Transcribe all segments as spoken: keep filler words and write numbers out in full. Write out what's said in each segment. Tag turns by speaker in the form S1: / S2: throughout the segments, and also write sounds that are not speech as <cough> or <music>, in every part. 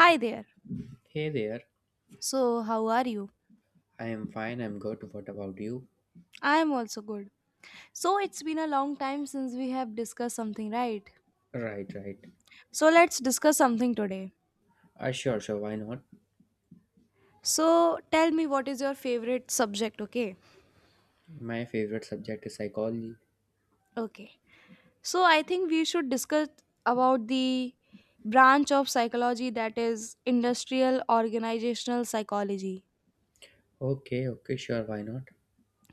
S1: Hi there.
S2: Hey there,
S1: So, how are you?
S2: I am fine, I'm good. What about you?
S1: I am also good. So, it's been a long time since we have discussed something, right?
S2: Right, right.
S1: So, let's discuss something today.
S2: Uh, sure, sure, why not?
S1: So, tell me what is your favorite subject, okay?
S2: My favorite subject is psychology.
S1: Okay. So, I think we should discuss about the branch of psychology that is industrial organizational psychology.
S2: Okay, okay, sure, why not?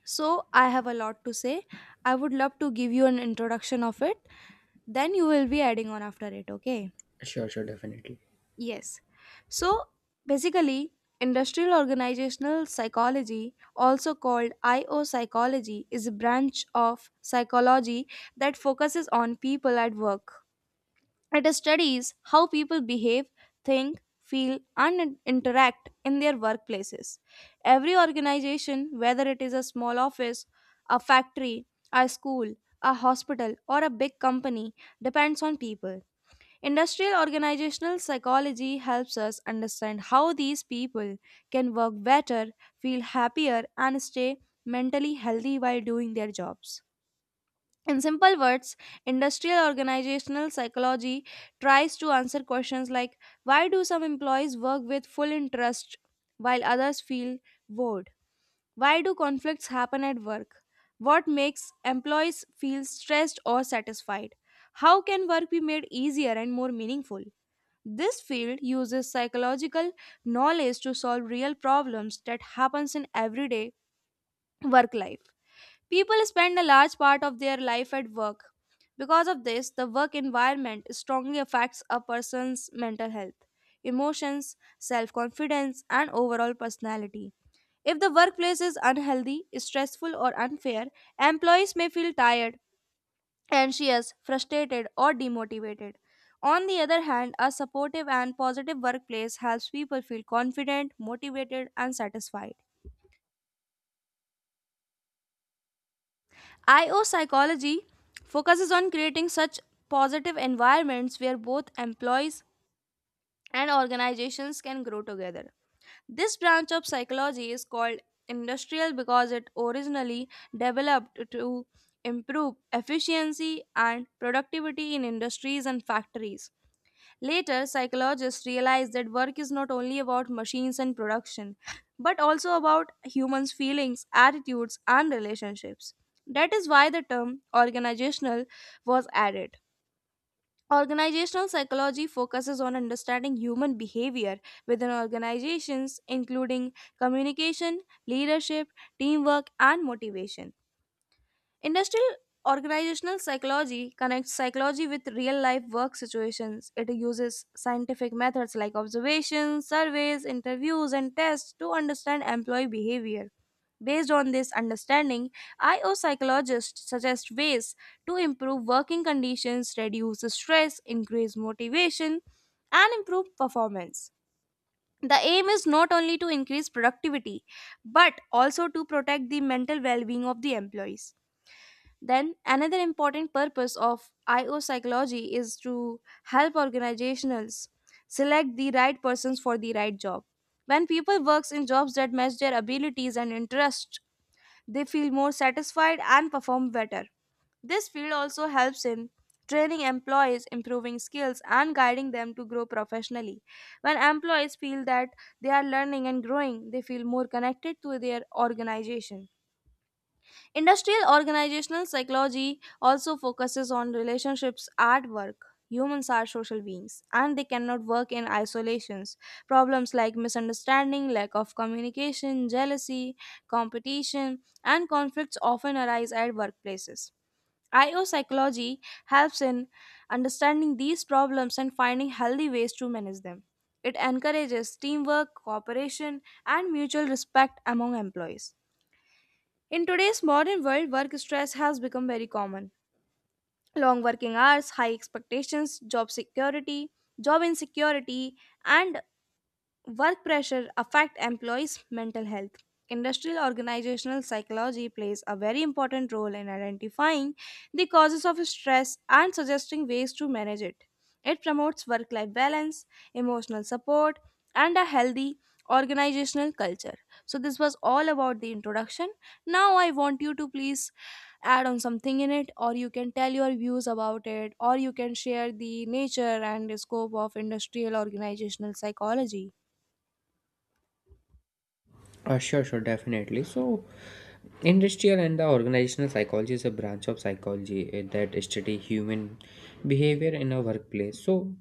S1: So, I have a lot to say. I would love to give you an introduction of it. Then you will be adding on after it, okay?
S2: Sure, sure, definitely.
S1: Yes. So basically, industrial organizational psychology, also called I O psychology, is a branch of psychology that focuses on people at work. It studies how people behave, think, feel, and interact in their workplaces. Every organization, whether it is a small office, a factory, a school, a hospital, or a big company, depends on people. Industrial organizational psychology helps us understand how these people can work better, feel happier, and stay mentally healthy while doing their jobs. In simple words, industrial organizational psychology tries to answer questions like why do some employees work with full interest while others feel bored? Why do conflicts happen at work? What makes employees feel stressed or satisfied? How can work be made easier and more meaningful? This field uses psychological knowledge to solve real problems that happens in everyday work life. People spend a large part of their life at work. Because of this, the work environment strongly affects a person's mental health, emotions, self-confidence, and overall personality. If the workplace is unhealthy, stressful, or unfair, employees may feel tired and she is frustrated or demotivated. On the other hand, a supportive and positive workplace helps people feel confident, motivated, and satisfied. I O psychology focuses on creating such positive environments where both employees and organizations can grow together. This branch of psychology is called industrial because it originally developed to improve efficiency and productivity in industries and factories. Later, psychologists realized that work is not only about machines and production, but also about humans' feelings, attitudes, and relationships. That is why the term organizational was added. Organizational psychology focuses on understanding human behavior within organizations, including communication, leadership, teamwork, and motivation. Industrial organizational psychology connects psychology with real life work situations. It uses scientific methods like observations, surveys, interviews, and tests to understand employee behavior. Based on this understanding, I O psychologists suggest ways to improve working conditions, reduce stress, increase motivation, and improve performance. The aim is not only to increase productivity but also to protect the mental well being of the employees. Then, another important purpose of I O psychology is to help organizations select the right persons for the right job. When people works in jobs that match their abilities and interests, they feel more satisfied and perform better. This field also helps in training employees, improving skills, and guiding them to grow professionally. When employees feel that they are learning and growing, they feel more connected to their organization. Industrial organizational psychology also focuses on relationships at work. Humans are social beings and they cannot work in isolations. Problems like misunderstanding, lack of communication, jealousy, competition, and conflicts often arise at workplaces. I O psychology helps in understanding these problems and finding healthy ways to manage them. It encourages teamwork, cooperation, and mutual respect among employees. In today's modern world, work stress has become very common. Long working hours, high expectations, job security, job insecurity, and work pressure affect employees' mental health. Industrial organizational psychology plays a very important role in identifying the causes of stress and suggesting ways to manage it. It promotes work life balance, emotional support, and a healthy organizational culture. So, this was all about the introduction. Now, I want you to please add on something in it, or you can tell your views about it, or you can share the nature and scope of industrial organizational psychology.
S2: Uh, sure, sure, definitely. So, industrial and the organizational psychology is a branch of psychology uh, that study human behavior in a workplace. So,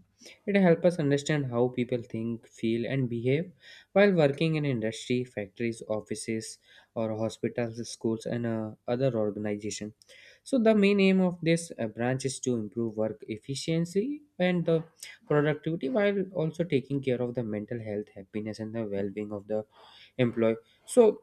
S2: it helps us understand how people think, feel, and behave while working in industry, factories, offices, or hospitals, schools, and uh, other organizations. So, the main aim of this uh, branch is to improve work efficiency and the productivity while also taking care of the mental health, happiness, and the well-being of the employ. So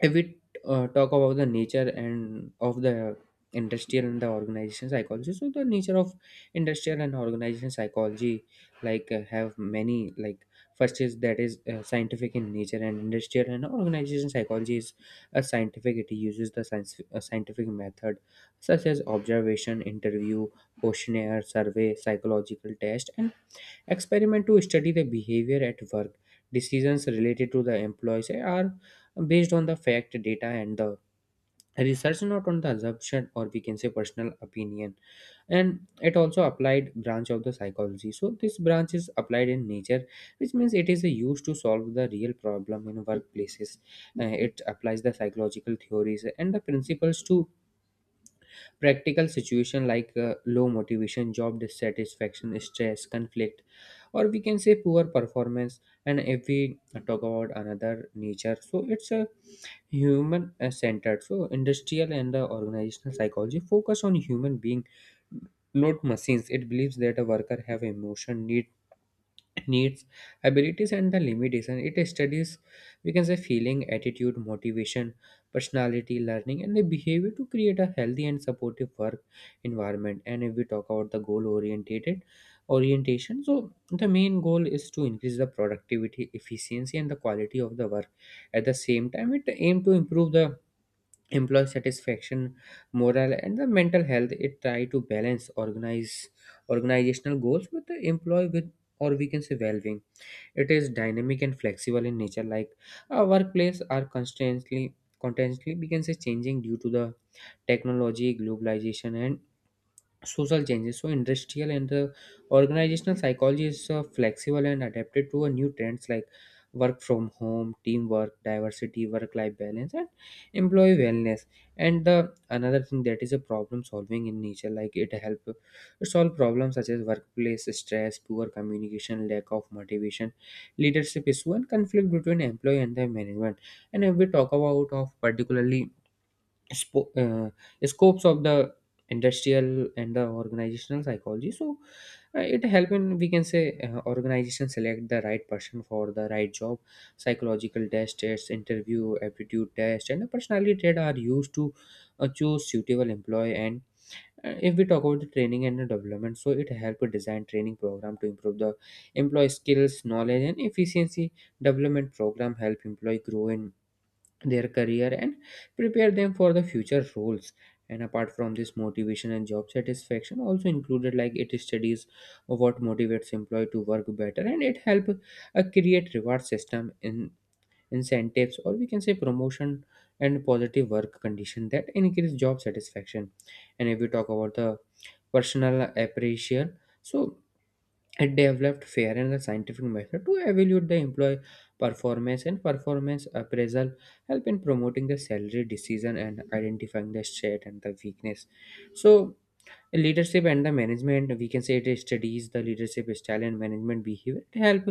S2: if we uh, talk about the nature and of the industrial and the organization psychology, so the nature of industrial and organization psychology like uh, have many, like first is that is uh, scientific in nature. And industrial and organization psychology is a scientific, it uses the science, a scientific method such as observation, interview, questionnaire, survey, psychological test, and experiment to study the behavior at work. Decisions related to the employees are based on the fact, data, and the research, not on the assumption, or we can say personal opinion. And it also applied branch of the psychology. So this branch is applied in nature, which means it is used to solve the real problem in workplaces. Uh, it applies the psychological theories and the principles to practical situation like uh, low motivation, job dissatisfaction, stress, conflict, or we can say poor performance. And if we talk about another nature, so it's a human uh, centered. So industrial and the organizational psychology focus on human being, not machines. It believes that a worker have emotion, need needs, abilities, and the limitation. It studies, we can say, feeling, attitude, motivation, personality, learning, and the behavior to create a healthy and supportive work environment. And if we talk about the goal oriented orientation, so the main goal is to increase the productivity, efficiency, and the quality of the work. At the same time, it aim to improve the employee satisfaction, morale, and the mental health. It try to balance organize organizational goals with the employee with, or we can say, well-being. It is dynamic and flexible in nature, like our workplace are constantly constantly, we can say, changing due to the technology, globalization, and social changes. So, industrial and the organizational psychology is uh, flexible and adapted to a new trends like work from home, teamwork, diversity, work-life balance, and employee wellness. And the another thing that is a problem solving in nature, like it help to solve problems such as workplace stress, poor communication, lack of motivation, leadership issue, and conflict between employee and the management. And if we talk about of particularly spo- uh, scopes of the industrial and the organizational psychology, so uh, it help in, we can say, uh, organization select the right person for the right job. Psychological test tests, interview, aptitude test, and the personality trait are used to uh, choose suitable employee. And uh, if we talk about the training and the development, so it help to design training program to improve the employee skills, knowledge, and efficiency. Development program help employee grow in their career and prepare them for the future roles. And apart from this, motivation and job satisfaction also included, like it studies what motivates employee to work better, and it help uh, create reward system in incentives, or we can say promotion, and positive work condition that increase job satisfaction. And if we talk about the personal appreciation, so it developed fair and a scientific method to evaluate the employee performance, and performance appraisal help in promoting the salary decision and identifying the strength and the weakness. So leadership and the management, we can say, it studies the leadership style and management behavior to help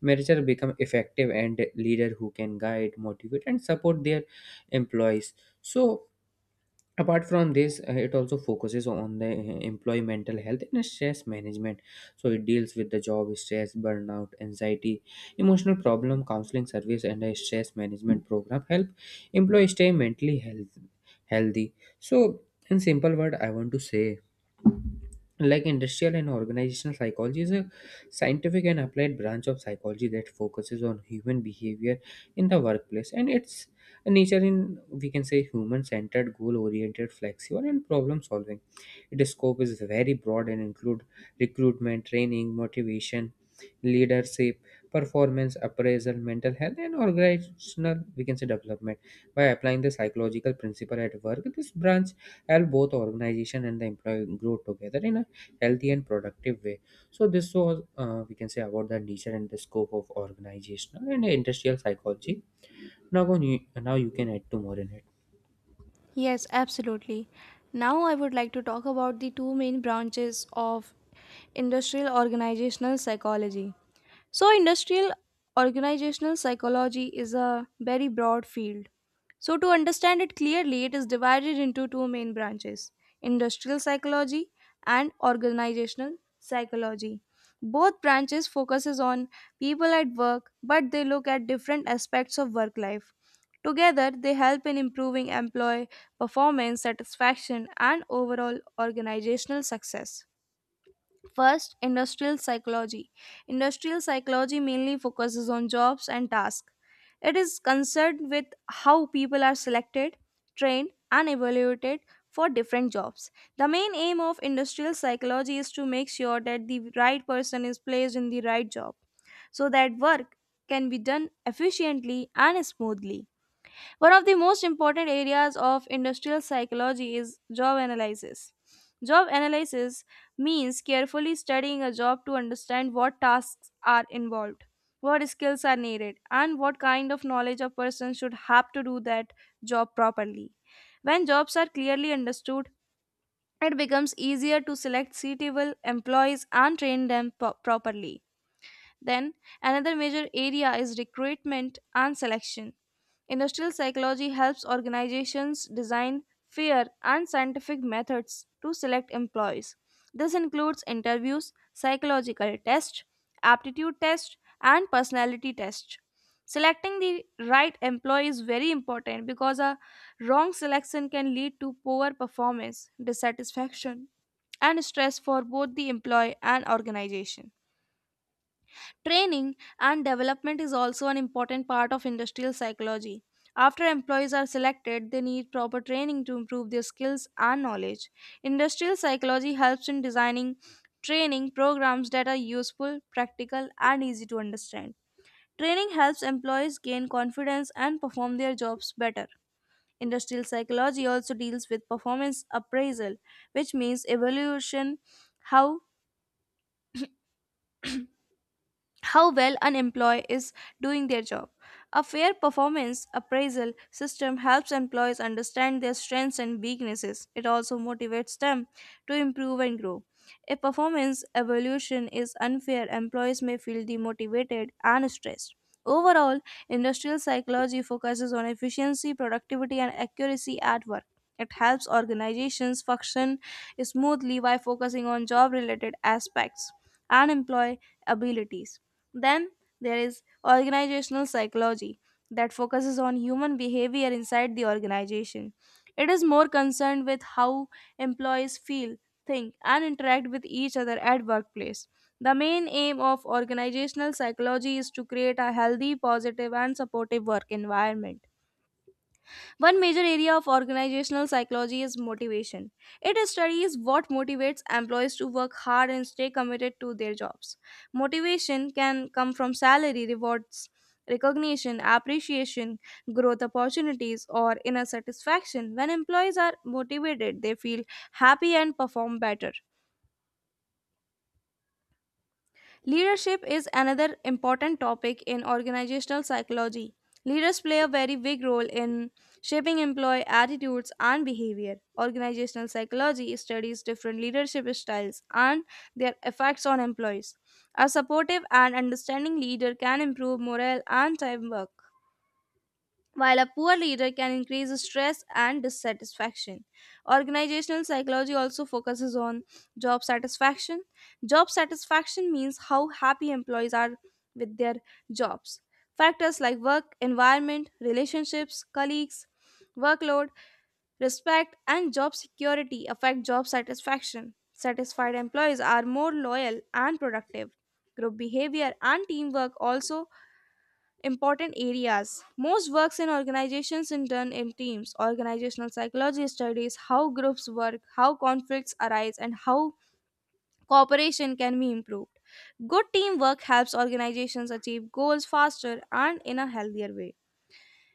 S2: manager become effective and leader who can guide, motivate, and support their employees. So apart from this, uh, it also focuses on the uh, employee mental health and stress management. So it deals with the job stress, burnout, anxiety, emotional problem. Counseling service and a stress management program help employees stay mentally health, healthy. So in simple word I want to say, like industrial and organizational psychology is a scientific and applied branch of psychology that focuses on human behavior in the workplace, and its nature in, we can say, human centered, goal oriented, flexible, and problem solving. Its scope is very broad and include recruitment, training, motivation, leadership, performance appraisal, mental health, and organizational, we can say, development. By applying the psychological principle at work, this branch help both organization and the employee grow together in a healthy and productive way. So this was uh, we can say about the nature and the scope of organizational and industrial psychology. Now, go- now you can add to more in it.
S1: Yes, absolutely. Now, I would like to talk about the two main branches of industrial organizational psychology. So, industrial organizational psychology is a very broad field, so to understand it clearly, it is divided into two main branches: industrial psychology and organizational psychology. Both branches focuses on people at work, but they look at different aspects of work life. Together, they help in improving employee performance, satisfaction, and overall organizational success. First, industrial psychology. Industrial psychology mainly focuses on jobs and tasks. It is concerned with how people are selected, trained, and evaluated for different jobs. The main aim of industrial psychology is to make sure that the right person is placed in the right job so that work can be done efficiently and smoothly. One of the most important areas of industrial psychology is job analysis. Job analysis means carefully studying a job to understand what tasks are involved, what skills are needed, and what kind of knowledge a person should have to do that job properly. When jobs are clearly understood, it becomes easier to select suitable employees and train them po- properly. Then, another major area is recruitment and selection. Industrial psychology helps organizations design fair and scientific methods to select employees. This includes interviews, psychological tests, aptitude tests, and personality tests. Selecting the right employee is very important because a wrong selection can lead to poor performance, dissatisfaction, and stress for both the employee and organization. Training and development is also an important part of industrial psychology. After employees are selected, they need proper training to improve their skills and knowledge. Industrial psychology helps in designing training programs that are useful, practical, and easy to understand. Training helps employees gain confidence and perform their jobs better. Industrial psychology also deals with performance appraisal, which means evaluation how how well an employee is doing their job. A fair performance appraisal system helps employees understand their strengths and weaknesses. It also motivates them to improve and grow. If performance evaluation is unfair, employees may feel demotivated and stressed. Overall, industrial psychology focuses on efficiency, productivity, and accuracy at work. It helps organizations function smoothly by focusing on job related aspects and employee abilities. Then there is organizational psychology that focuses on human behavior inside the organization. It is more concerned with how employees feel, think, and interact with each other at workplace. The main aim of organizational psychology is to create a healthy, positive, and supportive work environment. One major area of organizational psychology is motivation. It studies what motivates employees to work hard and stay committed to their jobs. Motivation can come from salary, rewards, recognition, appreciation, growth opportunities, or inner satisfaction. When employees are motivated, they feel happy and perform better. Leadership is another important topic in organizational psychology. Leaders play a very big role in shaping employee attitudes and behavior. Organizational psychology studies different leadership styles and their effects on employees. A supportive and understanding leader can improve morale and teamwork while a poor leader can increase stress and dissatisfaction. Organizational psychology also focuses on job satisfaction. Job satisfaction means how happy employees are with their jobs. Factors like work environment, relationships, colleagues, workload, respect, and job security affect job satisfaction. Satisfied employees are more loyal and productive. Group behavior and teamwork also important areas. Most works in organizations in turn in teams. Organizational psychology studies how groups work, how conflicts arise, and how cooperation can be improved. Good teamwork helps organizations achieve goals faster and in a healthier way.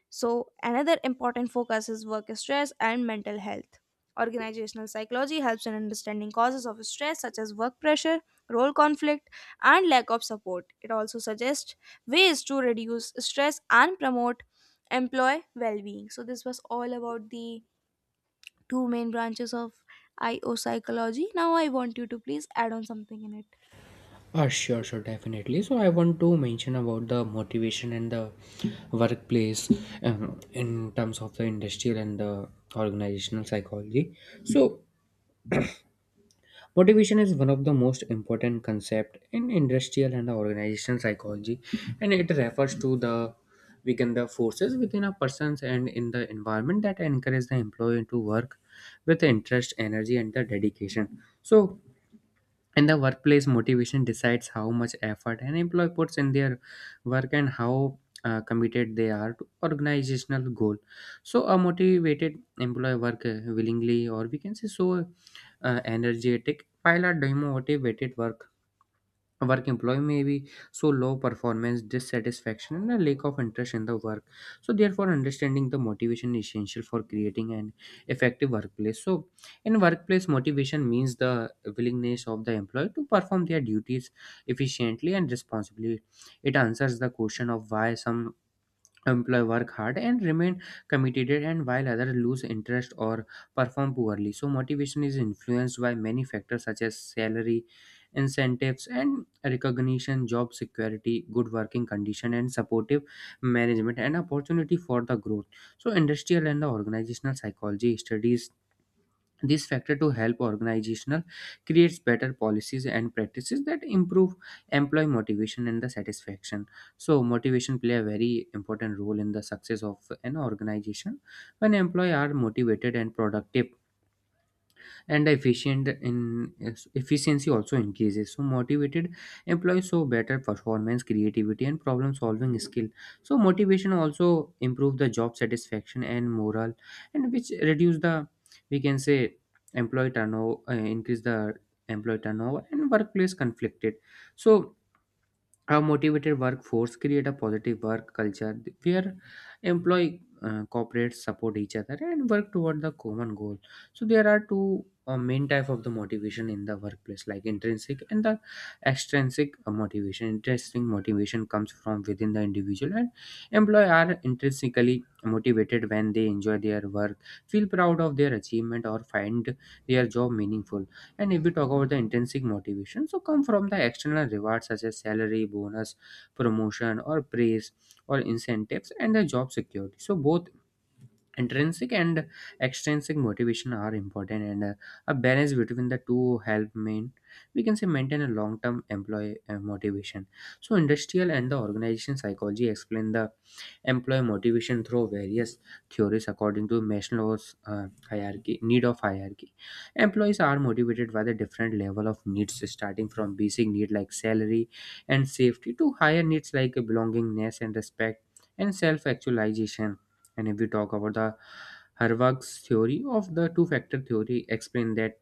S1: So, another important focus is work stress and mental health. Organizational psychology helps in understanding causes of stress such as work pressure, role conflict, and lack of support. It also suggests ways to reduce stress and promote employee well being. So, this was all about the two main branches of I O psychology. Now, I want you to please add on something in it.
S2: Uh, sure, sure, definitely. So I want to mention about the motivation and the workplace um, in terms of the industrial and the organizational psychology. So <clears throat> motivation is one of the most important concept in industrial and the organizational psychology, and it refers to the within the forces within a person's and in the environment that encourage the employee to work with interest, energy, and the dedication. So and the workplace motivation decides how much effort an employee puts in their work and how uh, committed they are to organizational goal. So a motivated employee work uh, willingly, or we can say, so uh, energetic, while a demotivated work work employee may be so low performance, dissatisfaction, and a lack of interest in the work. So therefore understanding the motivation is essential for creating an effective workplace. So in workplace, motivation means the willingness of the employee to perform their duties efficiently and responsibly. It answers the question of why some employee work hard and remain committed, and while others lose interest or perform poorly. So motivation is influenced by many factors such as salary, incentives, and recognition, job security, good working condition, and supportive management, and opportunity for the growth. So industrial and the organizational psychology studies this factor to help organizational creates better policies and practices that improve employee motivation and the satisfaction. So motivation play a very important role in the success of an organization. When employees are motivated and productive and efficient in, efficiency also increases. So motivated employees show better performance, creativity, and problem solving skill. So motivation also improve the job satisfaction and morale, and which reduce the, we can say, employee turnover, uh, increase the employee turnover and workplace conflicted. So a motivated workforce create a positive work culture where employee uh, cooperates, support each other, and work toward the common goal. So there are two uh, main type of the motivation in the workplace, like intrinsic and the extrinsic uh, motivation. Intrinsic motivation comes from within the individual, and employee are intrinsically motivated when they enjoy their work, feel proud of their achievement, or find their job meaningful. And if we talk about the intrinsic motivation, so come from the external rewards such as salary, bonus, promotion, or praise, or incentives, and the job security. So both intrinsic and extrinsic motivation are important, and uh, a balance between the two help main we can say maintain a long-term employee uh, motivation. So industrial and the organization psychology explain the employ motivation through various theories. According to Maslow's uh, hierarchy need of hierarchy, employees are motivated by the different level of needs, starting from basic need like salary and safety to higher needs like belongingness and respect and self-actualization. And if we talk about the Harvard's theory of the two-factor theory, explain that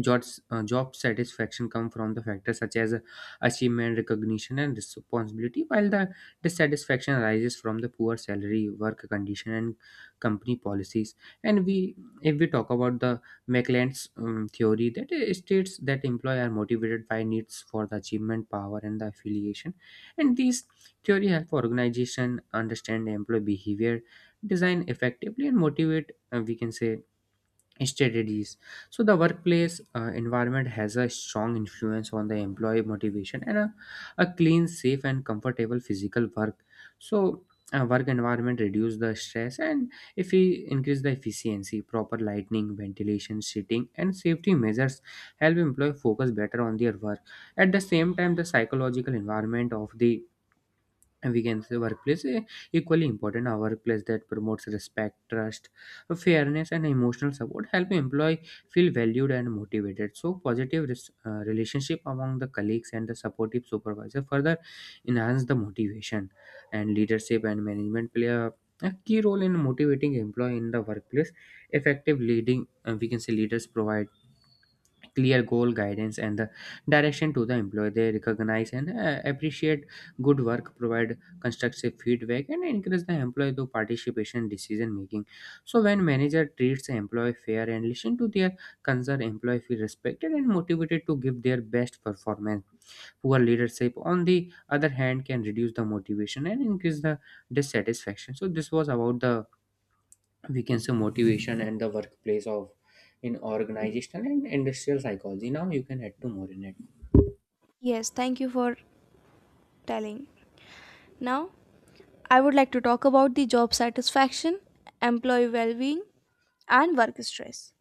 S2: jobs, uh, job satisfaction come from the factors such as achievement, recognition, and responsibility, while the dissatisfaction arises from the poor salary, work condition, and company policies. And we, if we talk about the McLean's um, theory, that uh, states that employees are motivated by needs for the achievement, power, and the affiliation. And these theory help organization understand employee behavior, design effectively, and motivate. Uh, we can say strategies. So the workplace uh, environment has a strong influence on the employee motivation and a, a clean, safe, and comfortable physical work. So uh, work environment reduce the stress, and if we increase the efficiency, proper lighting, ventilation, seating, and safety measures help employee focus better on their work. At the same time, the psychological environment of the, and we can say workplace eh, equally important. A workplace that promotes respect, trust, fairness, and emotional support help employee feel valued and motivated. So positive res- uh, relationship among the colleagues and the supportive supervisor further enhance the motivation. And leadership and management play a a key role in motivating employee in the workplace. Effective leading, uh, we can say leaders provide clear goal, guidance, and the direction to the employee. They recognize and uh, appreciate good work, provide constructive feedback, and encourage the employee to participation in decision making. So when manager treats the employee fair and listen to their concern, employee feel respected and motivated to give their best performance. Poor leadership, on the other hand, can reduce the motivation and increase the dissatisfaction. So this was about the, we can say, motivation and the workplace of in organizational and industrial psychology. Now you can add to more in it.
S1: Yes, thank you for telling. Now, I would like to talk about the job satisfaction, employee well being, and work stress.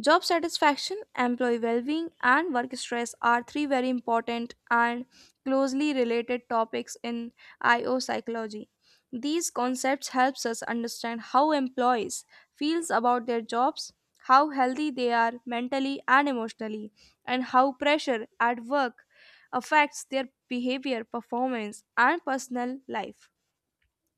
S1: Job satisfaction, employee well being, and work stress are three very important and closely related topics in I O psychology. These concepts helps us understand how employees feels about their jobs, how healthy they are mentally and emotionally, and how pressure at work affects their behavior, performance, and personal life.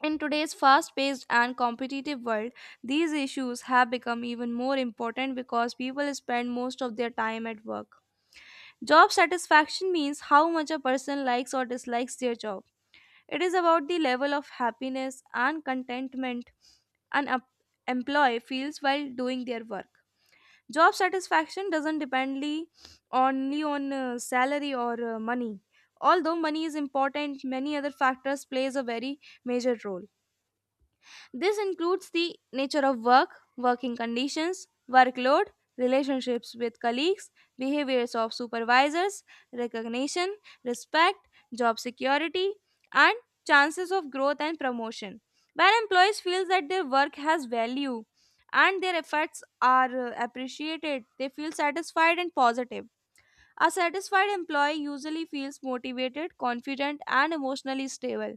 S1: In today's fast paced and competitive world, these issues have become even more important because people spend most of their time at work. Job satisfaction means how much a person likes or dislikes their job. It is about the level of happiness and contentment an em- employee feels while doing their work. Job satisfaction doesn't depend li- only on uh, salary or uh, money. Although money is important, many other factors plays a very major role. This includes the nature of work, working conditions, workload, relationships with colleagues, behaviors of supervisors, recognition, respect, job security, and chances of growth and promotion. When employees feel that their work has value and their efforts are uh, appreciated, they feel satisfied and positive. A satisfied employee usually feels motivated, confident, and emotionally stable.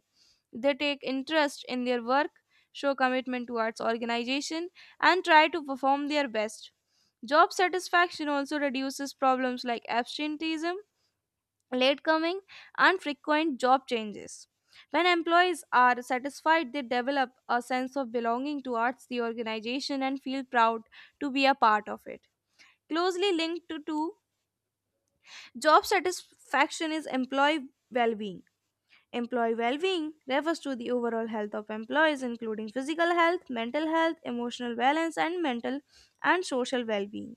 S1: They take interest in their work, show commitment towards organization, and try to perform their best. Job satisfaction also reduces problems like absenteeism, latecoming, and frequent job changes. When employees are satisfied, they develop a sense of belonging towards the organization and feel proud to be a part of it. Closely linked to, to job satisfaction is employee well being. Employee well being refers to the overall health of employees, including physical health, mental health, emotional balance, and mental and social well being.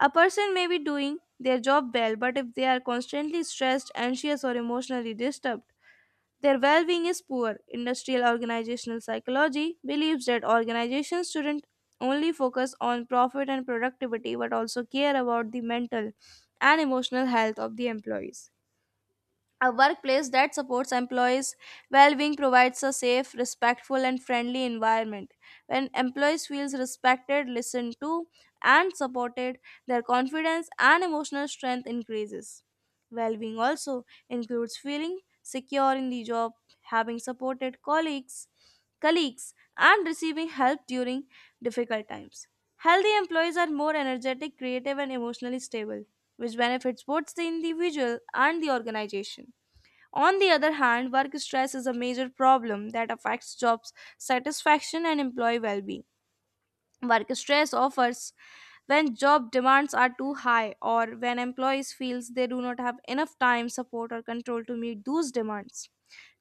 S1: A person may be doing their job well, but if they are constantly stressed, anxious, or emotionally disturbed, their well being is poor. Industrial organizational psychology believes that organizations shouldn't only focus on profit and productivity but also care about the mental and emotional health of the employees. A workplace that supports employees' well being provides a safe, respectful, and friendly environment. When employees feel respected, listened to, and supported, their confidence and emotional strength increases. Well being also includes feeling secure in the job, having supported colleagues, colleagues, and receiving help during difficult times. Healthy employees are more energetic, creative, and emotionally stable, which benefits both the individual and the organization. On the other hand, work stress is a major problem that affects job satisfaction and employee well being. Work stress offers when job demands are too high or when employees feels they do not have enough time support or control to meet those demands.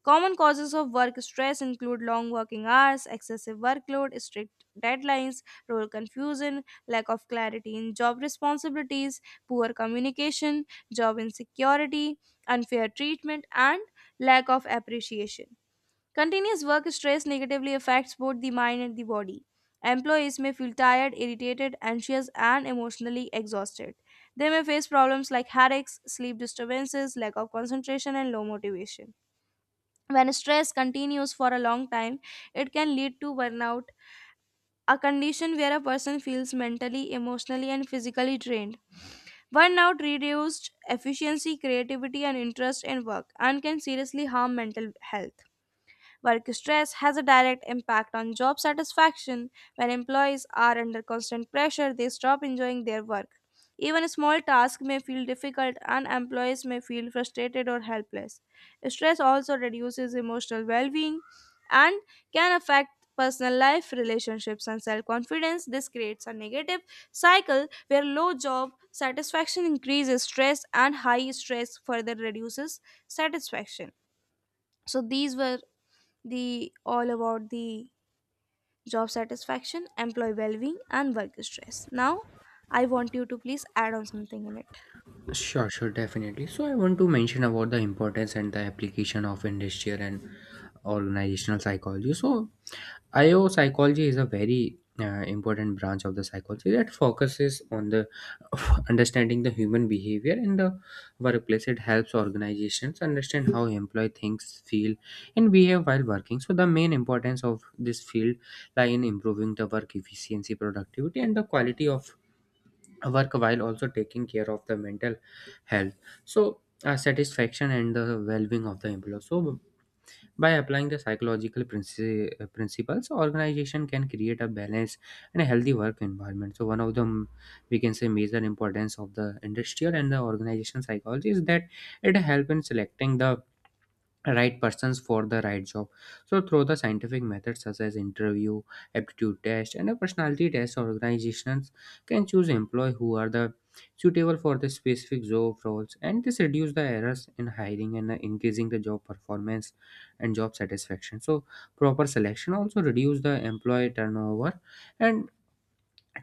S1: Common causes of work stress include long working hours, excessive workload, strict deadlines, role confusion, lack of clarity in job responsibilities, poor communication, job insecurity, unfair treatment, and lack of appreciation. Continuous work stress negatively affects both the mind and the body. Employees may feel tired, irritated, anxious, and emotionally exhausted. They may face problems like headaches, sleep disturbances, lack of concentration, and low motivation. When stress continues for a long time, it can lead to burnout, a condition where a person feels mentally, emotionally, and physically drained. Burnout reduced efficiency, creativity, and interest in work and can seriously harm mental health. Work stress has a direct impact on job satisfaction. When employees are under constant pressure, they stop enjoying their work. Even small tasks may feel difficult, and employees may feel frustrated or helpless. Stress also reduces emotional well being and can affect personal life, relationships, and self confidence. This creates a negative cycle where low job satisfaction increases stress, and high stress further reduces satisfaction. So, these were the all about the job satisfaction, employee well-being, and work stress. Now, I want you to please add on something in it
S2: Sure, sure, definitely. So I want to mention about the importance and the application of industrial and organizational psychology. So I O psychology is a very uh, important branch of the psychology that focuses on the <laughs> understanding the human behavior in the workplace. It helps organizations understand how employee thinks, feel, and behave while working. So the main importance of this field lie in improving the work efficiency, productivity, and the quality of work, while also taking care of the mental health. So uh, satisfaction and the well-being of the employee. So by applying the psychological princi- uh, principles, organization can create a balanced and a healthy work environment. So one of the mm, we can say major importance of the industrial and the organization psychology is that it help in selecting the right persons for the right job. So through the scientific methods such as interview, aptitude test, and a personality test, organizations can choose employee who are the suitable for the specific job roles, and this reduce the errors in hiring and uh, increasing the job performance and job satisfaction. So proper selection also reduce the employee turnover and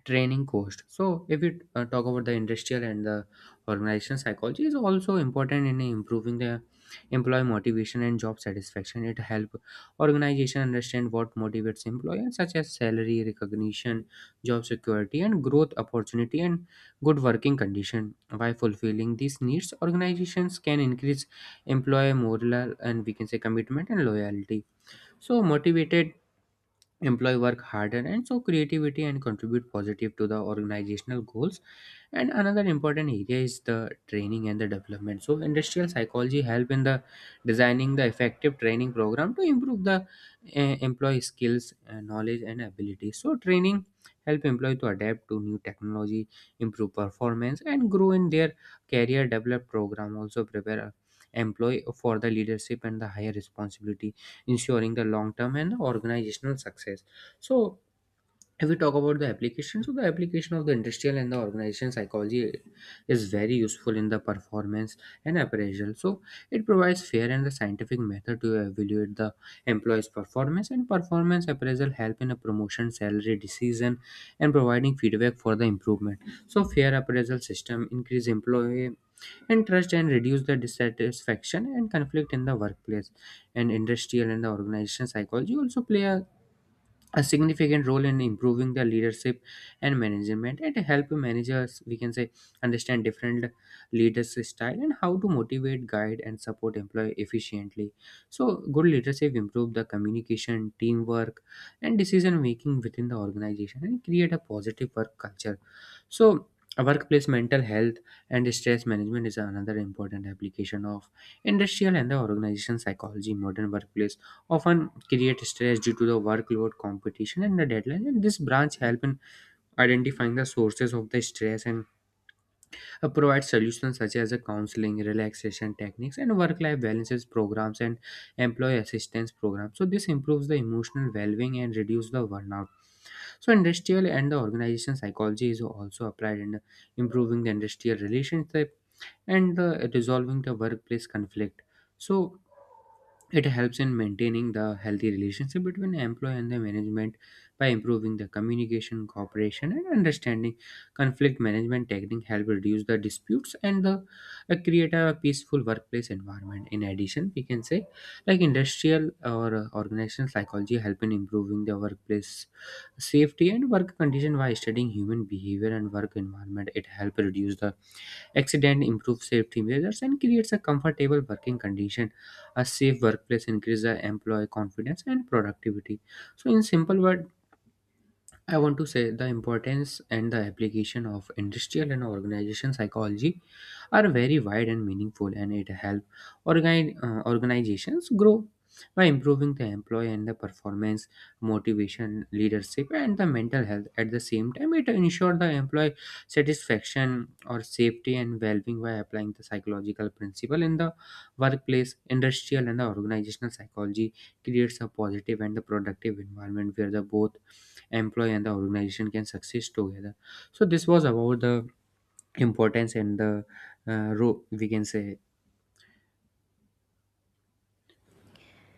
S2: training cost. So if we uh, talk about the industrial and the organization psychology, is also important in improving the employee motivation and job satisfaction. It help organization understand what motivates employees, such as salary, recognition, job security, and growth opportunity, and good working condition. By fulfilling these needs, organizations can increase employee morale and, we can say, commitment and loyalty. So motivated employee work harder and so creativity and contribute positive to the organizational goals. And another important area is the training and the development. So industrial psychology help in the designing the effective training program to improve the uh, employee skills, uh, knowledge, and abilities. So training help employee to adapt to new technology, improve performance, and grow in their career. Develop program also prepare a employee for the leadership and the higher responsibility, ensuring the long term and organizational success. So if we talk about the application, so the application of the industrial and the organization psychology is very useful in the performance and appraisal. So it provides fair and the scientific method to evaluate the employee's performance, and performance appraisal help in a promotion, salary decision, and providing feedback for the improvement. So fair appraisal system increase employee and trust and reduce the dissatisfaction and conflict in the workplace. And industrial and the organizational psychology also play a a significant role in improving the leadership and management, and help managers, we can say, understand different leaders style and how to motivate, guide, and support employee efficiently. So good leadership improve the communication, teamwork, and decision making within the organization and create a positive work culture. So a workplace mental health and stress management is another important application of industrial and the organization psychology. Modern workplace often create stress due to the workload, competition, and the deadline. And this branch help in identifying the sources of the stress and uh, provide solutions such as a counseling, relaxation techniques, and work-life balances programs, and employee assistance programs. So this improves the emotional well-being and reduce the burnout. So industrial and the organization psychology is also applied in improving the industrial relationship and the resolving the workplace conflict. So it helps in maintaining the healthy relationship between employee and the management by improving the communication, cooperation, and understanding. Conflict management technique help reduce the disputes and the uh, create a peaceful workplace environment. In addition, we can say, like, industrial or uh, organizational psychology help in improving the workplace safety and work condition by studying human behavior and work environment. It help reduce the accident, improves safety measures, and creates a comfortable working condition. A safe workplace increases employee confidence and productivity. So, in simple word, I want to say the importance and the application of industrial and organization psychology are very wide and meaningful, and it help organi- uh, organizations grow by improving the employee and the performance, motivation, leadership, and the mental health. At the same time, it ensure the employee satisfaction or safety and well-being by applying the psychological principle in the workplace. Industrial and the organizational psychology creates a positive and the productive environment where the both employee and the organization can succeed together. So this was about the importance and the uh, ro- we can say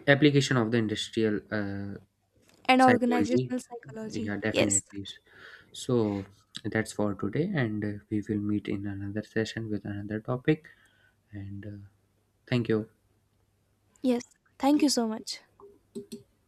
S2: application of the industrial uh,
S1: and
S2: psychology.
S1: organizational psychology.
S2: Yeah,
S1: Yes,
S2: definitely. So that's for today, and uh, we will meet in another session with another topic, and uh, thank you.
S1: yes. Thank you so much.